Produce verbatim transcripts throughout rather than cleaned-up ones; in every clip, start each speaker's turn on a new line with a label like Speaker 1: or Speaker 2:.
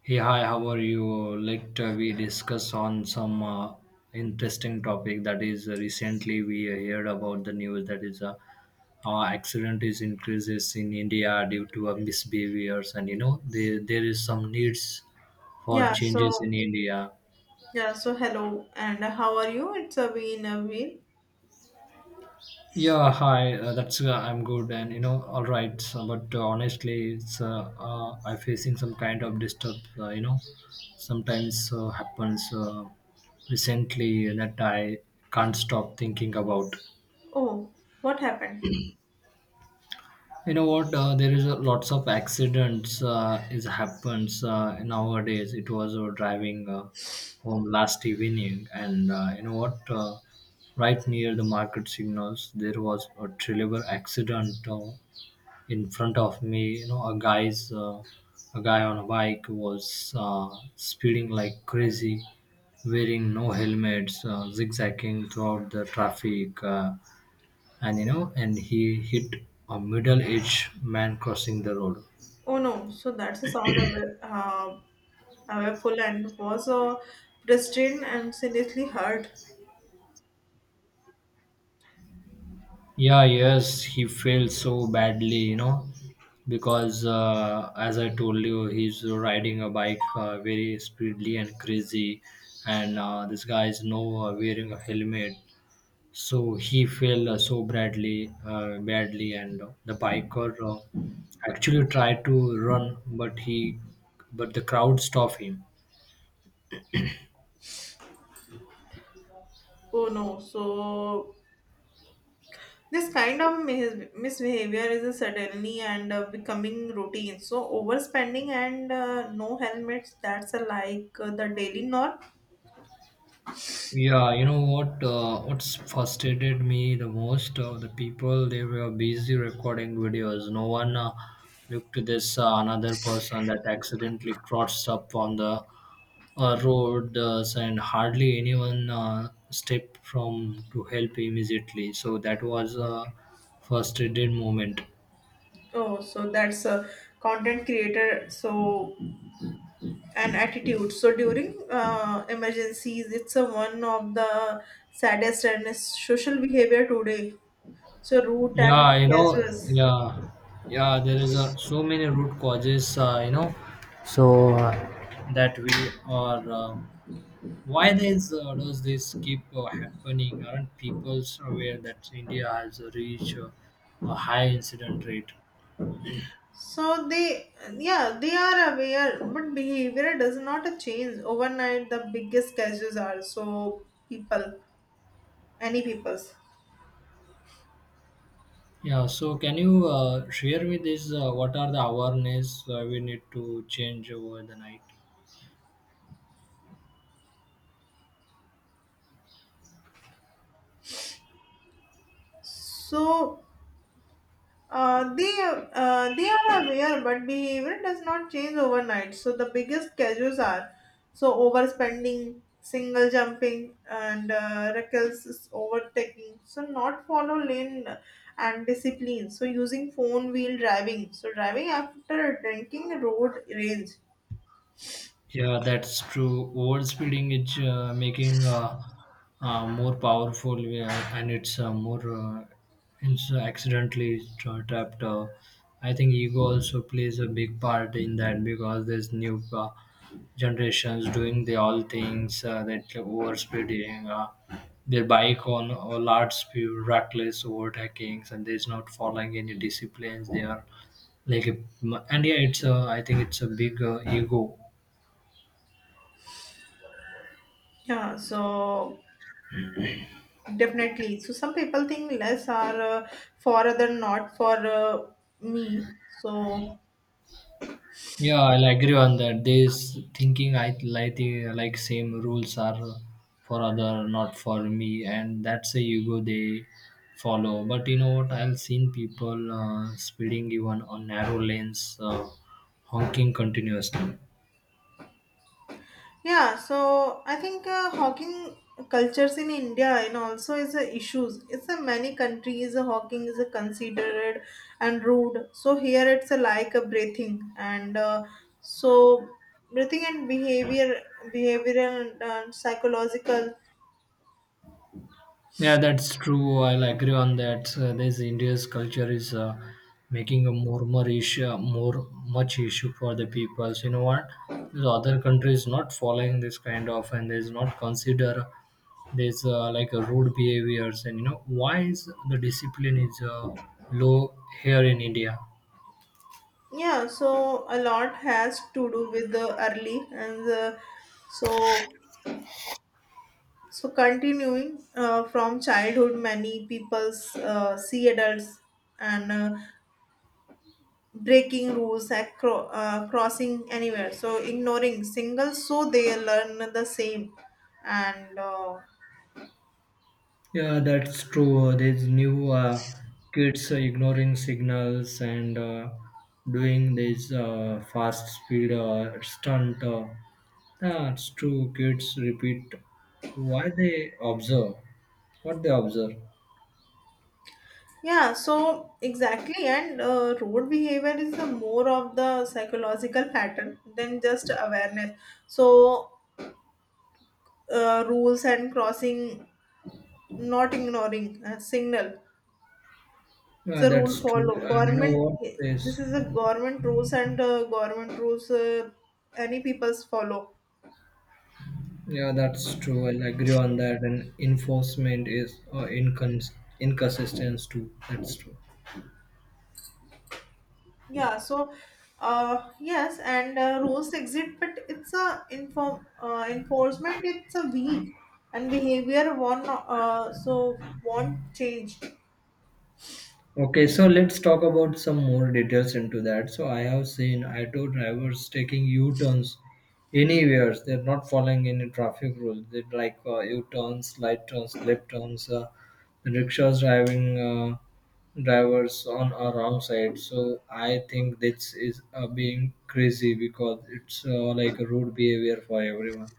Speaker 1: Hey, hi, how are you? Let uh, we discuss on some uh, interesting topic that is uh, recently we uh, heard about the news that is uh, uh, accident is increases in India due to uh, misbehaviors, and you know there there is some needs for
Speaker 2: Yeah,
Speaker 1: changes
Speaker 2: so
Speaker 1: in India.
Speaker 2: yeah, so hello, and how are you? It's a been a week.
Speaker 1: Yeah, hi. Uh, that's uh, I'm good, and you know, all right. So, but uh, honestly, it's uh, uh, I'm facing some kind of disturb. Uh, you know, sometimes uh, happens uh, recently that I can't stop thinking about.
Speaker 2: Oh, what happened?
Speaker 1: You know what? Uh, there is a, lots of accidents uh, is happens uh, nowadays. It was uh, driving uh, home last evening, and uh, you know what? Uh, right near the market signals, there was a terrible accident. Uh, in front of me, you know a guy's uh, a guy on a bike was uh, speeding like crazy, wearing no helmets, uh, zigzagging throughout the traffic, uh, and you know and he hit a middle-aged man crossing the road.
Speaker 2: Oh no, so that's the sound of it. Uh, our and was uh, restrained and seriously hurt.
Speaker 1: Yeah, yes, he failed so badly you know Because uh, as I told you, he's riding a bike uh, very speedily and crazy, and uh, this guy is no uh, wearing a helmet. So he fell uh, so badly, uh, badly, and uh, the biker uh, actually tried to run, but he, but the crowd stopped him.
Speaker 2: Oh no, so this kind of mis- misbehavior is suddenly and uh, becoming routine. So overspending and uh, no helmets, that's uh, like uh, the daily norm.
Speaker 1: Yeah, you know what? Uh, what's frustrated me the most? Uh, the people, they were busy recording videos. No one uh, looked to this uh, another person that accidentally crossed up on the uh, roads, and hardly anyone uh, stepped from to help immediately. So that was a frustrated moment.
Speaker 2: Oh, so that's a content creator. So and attitude. So during uh, emergencies, it's a one of the saddest and social behavior today. So rude and
Speaker 1: Yeah, you know
Speaker 2: casual.
Speaker 1: yeah, yeah, there is a, so many root causes uh, you know So uh, that we are uh, why this uh, does this keep uh, happening? Aren't people aware that India has reached uh, a high incident rate?
Speaker 2: So they, yeah, they are aware, but behavior does not change overnight. The biggest casuals are so people, any peoples.
Speaker 1: Yeah, so can you uh, share with this uh, what are the awareness uh, we need to change over the night?
Speaker 2: So Uh, they uh, they are aware, but behavior does not change overnight. So the biggest causes are so overspending, single jumping, and uh, reckless overtaking. So not follow lane and discipline. So using phone while driving. So driving after drinking road rage.
Speaker 1: Yeah, that's true. Overspeeding is uh, making uh, uh, more powerful, uh, and it's uh, more, uh, it's accidentally tra- trapped. Uh, I think ego also plays a big part in that, because there's new uh, generations doing the all things uh, that overspeeding. Uh, their bike on a large speed, reckless overtakings, and there's not following any disciplines. They are like, a, and yeah, it's a, I think it's a big uh, ego.
Speaker 2: Yeah. So definitely. So some people think less are uh, for other, not for uh, me. So
Speaker 1: Yeah, I'll agree on that. This thinking, I like the like same rules are for other, not for me, and that's a ego they follow. But you know what? I've seen people uh, speeding even on narrow lanes, uh, honking continuously.
Speaker 2: yeah, so I think uh, hawking cultures in India and also is a issues. It's a many countries uh, hawking is a considered and rude. So here it's a like a breathing and uh, so breathing and behavior, behavioral and uh, psychological.
Speaker 1: Yeah, that's true. I'll agree on that. Uh, this India's culture is uh, making a more more issue, more much issue for the peoples. You know what? The other countries not following this kind of, and there's not consider there's uh, like a rude behaviors, and you know why is the discipline is uh, low here in India?
Speaker 2: Yeah, so a lot has to do with the early and the, so so continuing uh, from childhood, many people's uh, see adults and. Uh, breaking rules and cro- uh, crossing anywhere, so ignoring singles, so they learn the same and uh,
Speaker 1: Yeah, that's true. These new uh, kids are ignoring signals and uh, doing this uh, fast speed uh, stunt. Uh, that's true. Kids repeat why they observe, what they observe.
Speaker 2: yeah, so exactly and uh, road behavior is the more of the psychological pattern than just awareness, so uh, rules and crossing, not ignoring uh, signal. It's
Speaker 1: Yeah,
Speaker 2: a rule
Speaker 1: that's true.
Speaker 2: follow
Speaker 1: And you know
Speaker 2: government.
Speaker 1: what is?
Speaker 2: This is a government rules and uh, government rules uh, any people's follow.
Speaker 1: Yeah, that's true. I'll agree on that. And enforcement is uh, incons- inconsistent too. That's true.
Speaker 2: Yeah, so uh, yes, and uh, rules exist, but it's a inform uh, enforcement. It's a weak and behavior won't uh, so won't change.
Speaker 1: Okay, so let's talk about some more details into that. So I have seen auto drivers taking U-turns anywhere. They're not following any traffic rules. They like uh, U-turns, light turns, left turns. Uh, the rickshaws driving uh, drivers on a wrong side. So I think this is uh, being crazy, because it's uh, like a rude behavior for everyone.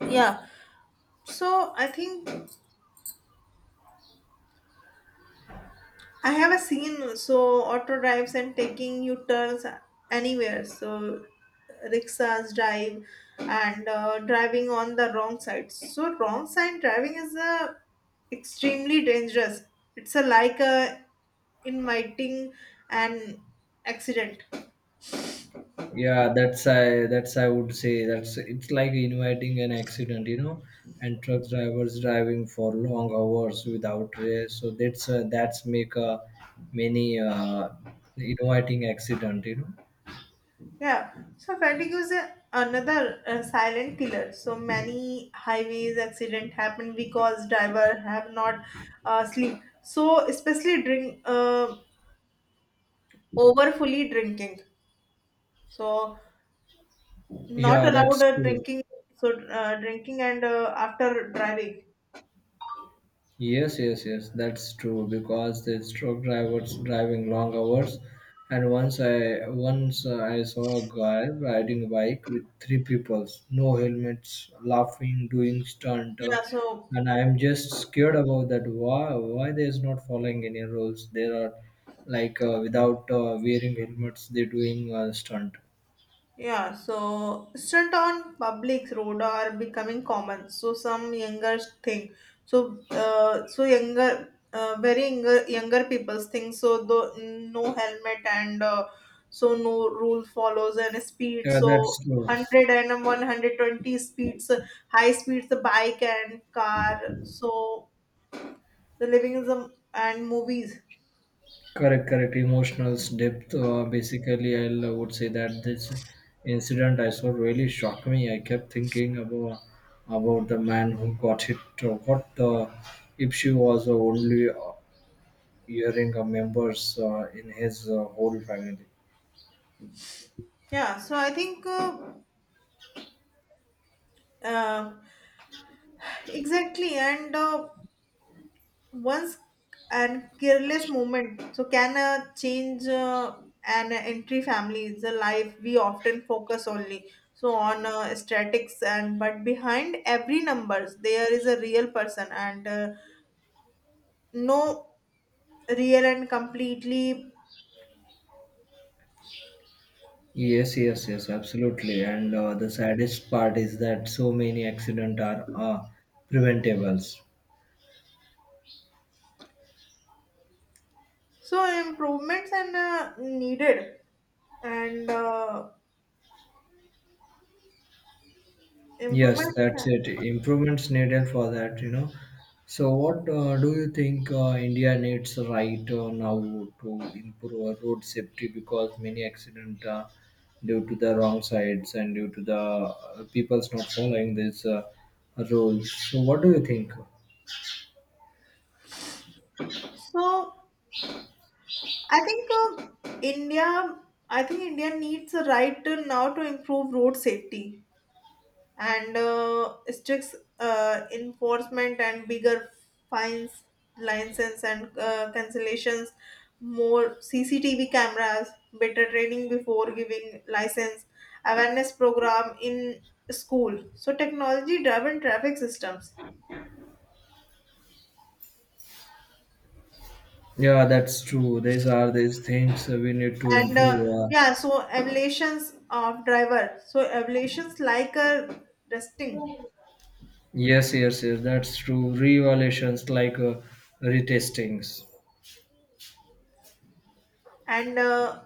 Speaker 2: Yeah, so I think I have a scene. So auto drives and taking U turns anywhere. So rickshaws drive and uh, driving on the wrong side. So wrong side driving is uh, extremely dangerous. It's a like a inviting an accident.
Speaker 1: Yeah, that's I that's I would say that's it's like inviting an accident. You know and truck drivers driving for long hours without rest, so that's uh, that's make uh, many uh, inviting accident you know
Speaker 2: Yeah. So fatigue is a, another uh, silent killer. So many highways accident happen because driver have not uh, sleep. So especially drink uh, overfully drinking. So not
Speaker 1: Yeah,
Speaker 2: allowed
Speaker 1: that's
Speaker 2: uh,
Speaker 1: true.
Speaker 2: drinking. So uh, drinking and uh, after driving.
Speaker 1: Yes, yes, yes, that's true, because the truck drivers driving long hours. And once I once uh, I saw a guy riding a bike with three people, no helmets, laughing, doing stunt, uh,
Speaker 2: Yeah. So
Speaker 1: and I am just scared about that. Why why they is not following any rules? There are like uh, without uh, wearing helmets, they doing uh, stunt.
Speaker 2: yeah, so stunt on public road are becoming common. So some younger think, so uh, so younger uh, very younger younger people's think, so the no helmet and uh, so no rule follows and speed,
Speaker 1: Yeah, that's
Speaker 2: so
Speaker 1: true.
Speaker 2: hundred and one hundred twenty and one hundred twenty speeds uh, high speeds the bike and car, so the living is a, and movies.
Speaker 1: Correct, correct. Emotional depth. Uh, basically, I will would say that this incident I saw really shocked me. I kept thinking about about the man who got hit. uh, What uh, if she was only uh, hearing a members uh, in his uh, whole family?
Speaker 2: Yeah, so I think uh, uh, exactly and uh, once and careless moment so can uh, change uh, an entry family's life we often focus only so on uh, statics, and but behind every numbers there is a real person and uh, no real and completely,
Speaker 1: Yes, yes, yes, absolutely. And uh, the saddest part is that so many accidents are uh, preventables.
Speaker 2: so improvements and uh, needed and uh,
Speaker 1: Yes, that's
Speaker 2: improvement.
Speaker 1: it. Improvements needed for that, you know. So, what uh, do you think uh, India needs right uh, now to improve our road safety? Because many accident uh, due to the wrong sides, and due to the uh, people's not following these uh, rules. So, what do you think?
Speaker 2: So I think uh, India, I think India needs a right to now to improve road safety and uh, strict uh, enforcement and bigger fines, license and uh, cancellations, more C C T V cameras, better training before giving license, awareness program in school. So technology driven traffic systems
Speaker 1: Yeah, that's true. These are these things uh, we need to
Speaker 2: and
Speaker 1: improve.
Speaker 2: uh,
Speaker 1: Uh,
Speaker 2: yeah, so evaluations of driver. So evaluations like a testing.
Speaker 1: yes, yes, yes. That's true. Re-evaluations like uh, retestings.
Speaker 2: And uh,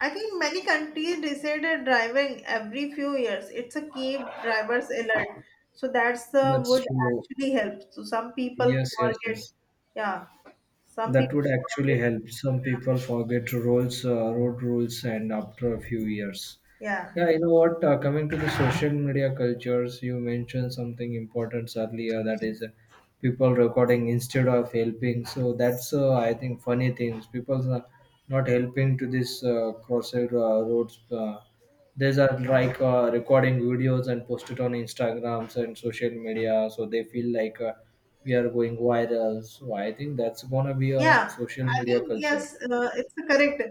Speaker 2: I think many countries decided driving every few years. It's a keep drivers alert. So that's uh,
Speaker 1: That's
Speaker 2: would
Speaker 1: true.
Speaker 2: actually help. So some people
Speaker 1: Yes, yes,
Speaker 2: forget.
Speaker 1: yes.
Speaker 2: Yeah, some
Speaker 1: That
Speaker 2: people
Speaker 1: would actually
Speaker 2: forget.
Speaker 1: help. Some people forget roles, uh, road rules, and after a few years.
Speaker 2: Yeah,
Speaker 1: Yeah, you know what? Uh, coming to the social media cultures, you mentioned something important earlier. That is, uh, people recording instead of helping. So that's uh, I think funny things. People are not helping to this uh, crossed uh, roads. Uh, these are like uh, recording videos and post it on Instagrams and social media. So they feel like uh, we are going viral. So I think that's gonna be a
Speaker 2: yeah.
Speaker 1: social
Speaker 2: I
Speaker 1: media
Speaker 2: think
Speaker 1: culture.
Speaker 2: yes, uh, it's a correct.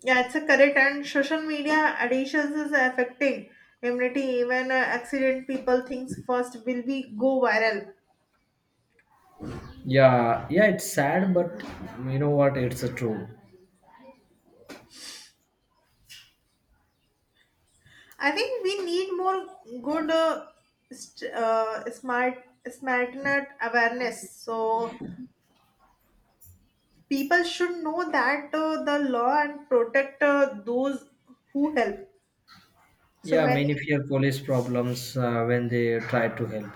Speaker 2: Yeah, it's a correct. And social media additions is affecting immunity. Even uh, accident people thinks first will be go viral.
Speaker 1: Yeah, yeah, it's sad, but you know what? It's a true.
Speaker 2: I think we need more good, uh, st- uh, smart, smartness awareness. So people should know that uh, the law and protect uh, those who help. So
Speaker 1: Yeah,
Speaker 2: many,
Speaker 1: many fear police problems uh, when they try to help.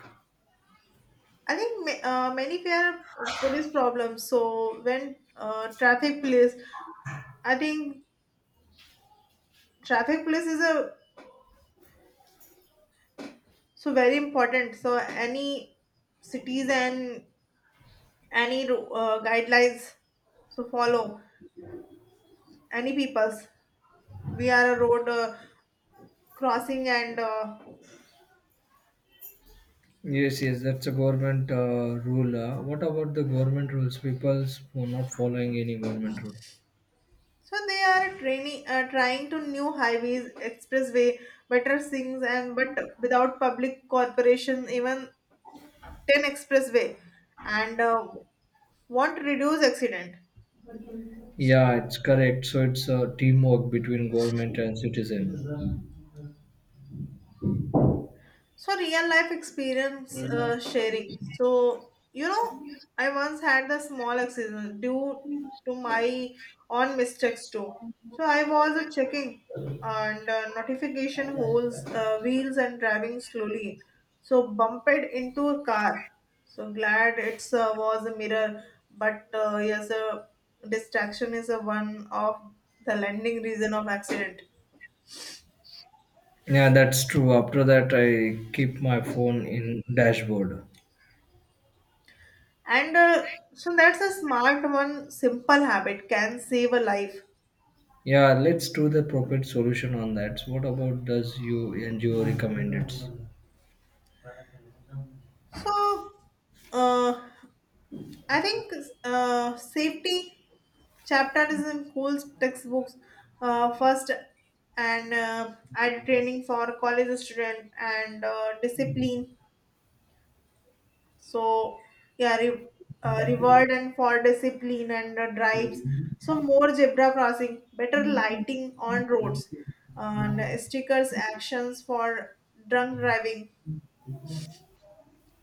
Speaker 2: I think ma- uh, many fear police problems. So when uh, traffic police, I think traffic police is a so very important. So any cities and any uh, guidelines so follow any peoples. We are a road uh, crossing and uh,
Speaker 1: Yes, yes, that's a government uh, rule. Uh, what about the government rules? People's for not following any government rule.
Speaker 2: so they are training uh, trying to new highways expressway better things, and but without public corporation even ten expressway and uh, want to reduce accident.
Speaker 1: Yeah, it's correct. So it's a teamwork between government and citizen.
Speaker 2: So real life experience uh, sharing. So you know, I once had a small accident due to my own mistakes too. So I was uh, checking and uh, notification holes, uh, wheels, and driving slowly. So bumped into a car. So glad it's uh, was a mirror, but uh, yes, a distraction is a one of the landing reason of accident.
Speaker 1: Yeah, that's true. After that, I keep my phone in dashboard.
Speaker 2: And uh, so that's a smart one, simple habit can save a life.
Speaker 1: Yeah, let's do the appropriate solution on that. So what about does you N G O recommend it?
Speaker 2: So uh, I think uh, safety chapter is in cool textbooks uh, first and uh, added training for college student and uh, discipline. So yeah, re- uh, reward and for discipline and uh, drives. So more zebra crossing, better lighting on roads, and stickers actions for drunk driving.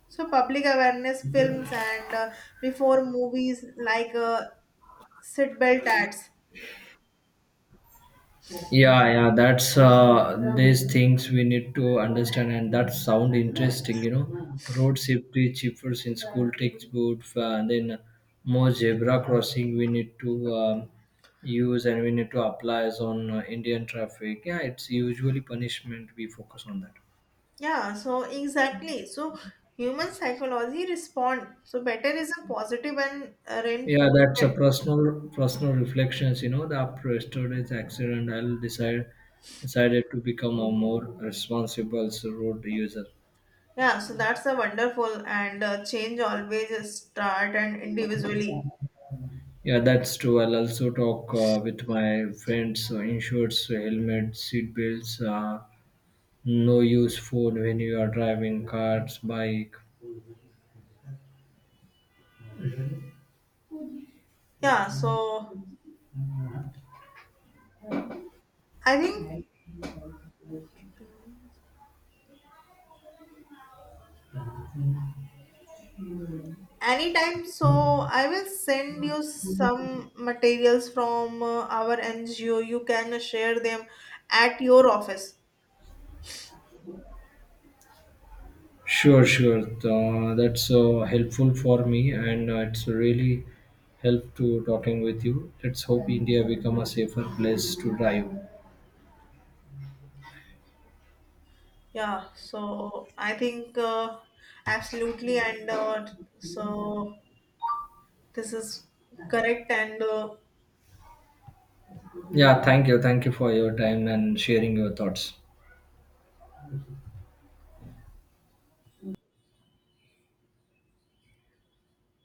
Speaker 2: So public awareness films and uh, before movies like uh, seatbelt ads.
Speaker 1: Yeah, yeah, that's uh these things we need to understand. And that sound interesting. You know road safety chippers in school textbook, uh, and then more zebra crossing we need to um, use, and we need to apply as on uh, Indian traffic. Yeah, it's usually punishment we focus on that.
Speaker 2: Yeah, so exactly. So human psychology respond. So better is a positive and uh,
Speaker 1: Yeah, that's a
Speaker 2: reinforcement.
Speaker 1: personal personal reflections. you know the After yesterday's accident, I'll decide decided to become a more responsible road user.
Speaker 2: Yeah, so that's a wonderful and uh, change always start and individually.
Speaker 1: Yeah, that's true. I'll also talk uh, with my friends, uh, insurance, uh, helmet, seat belts, uh, no use phone when you are driving cars, bike.
Speaker 2: Yeah, so I think anytime. So I will send you some materials from uh, our N G O. You can share them at your office.
Speaker 1: Sure, sure. Uh, that's uh, helpful for me, and uh, it's really help to talking with you. Let's hope India become a safer place to drive.
Speaker 2: Yeah, so I think uh, absolutely and uh, so this is correct and uh,
Speaker 1: Yeah, thank you, thank you for your time and sharing your thoughts.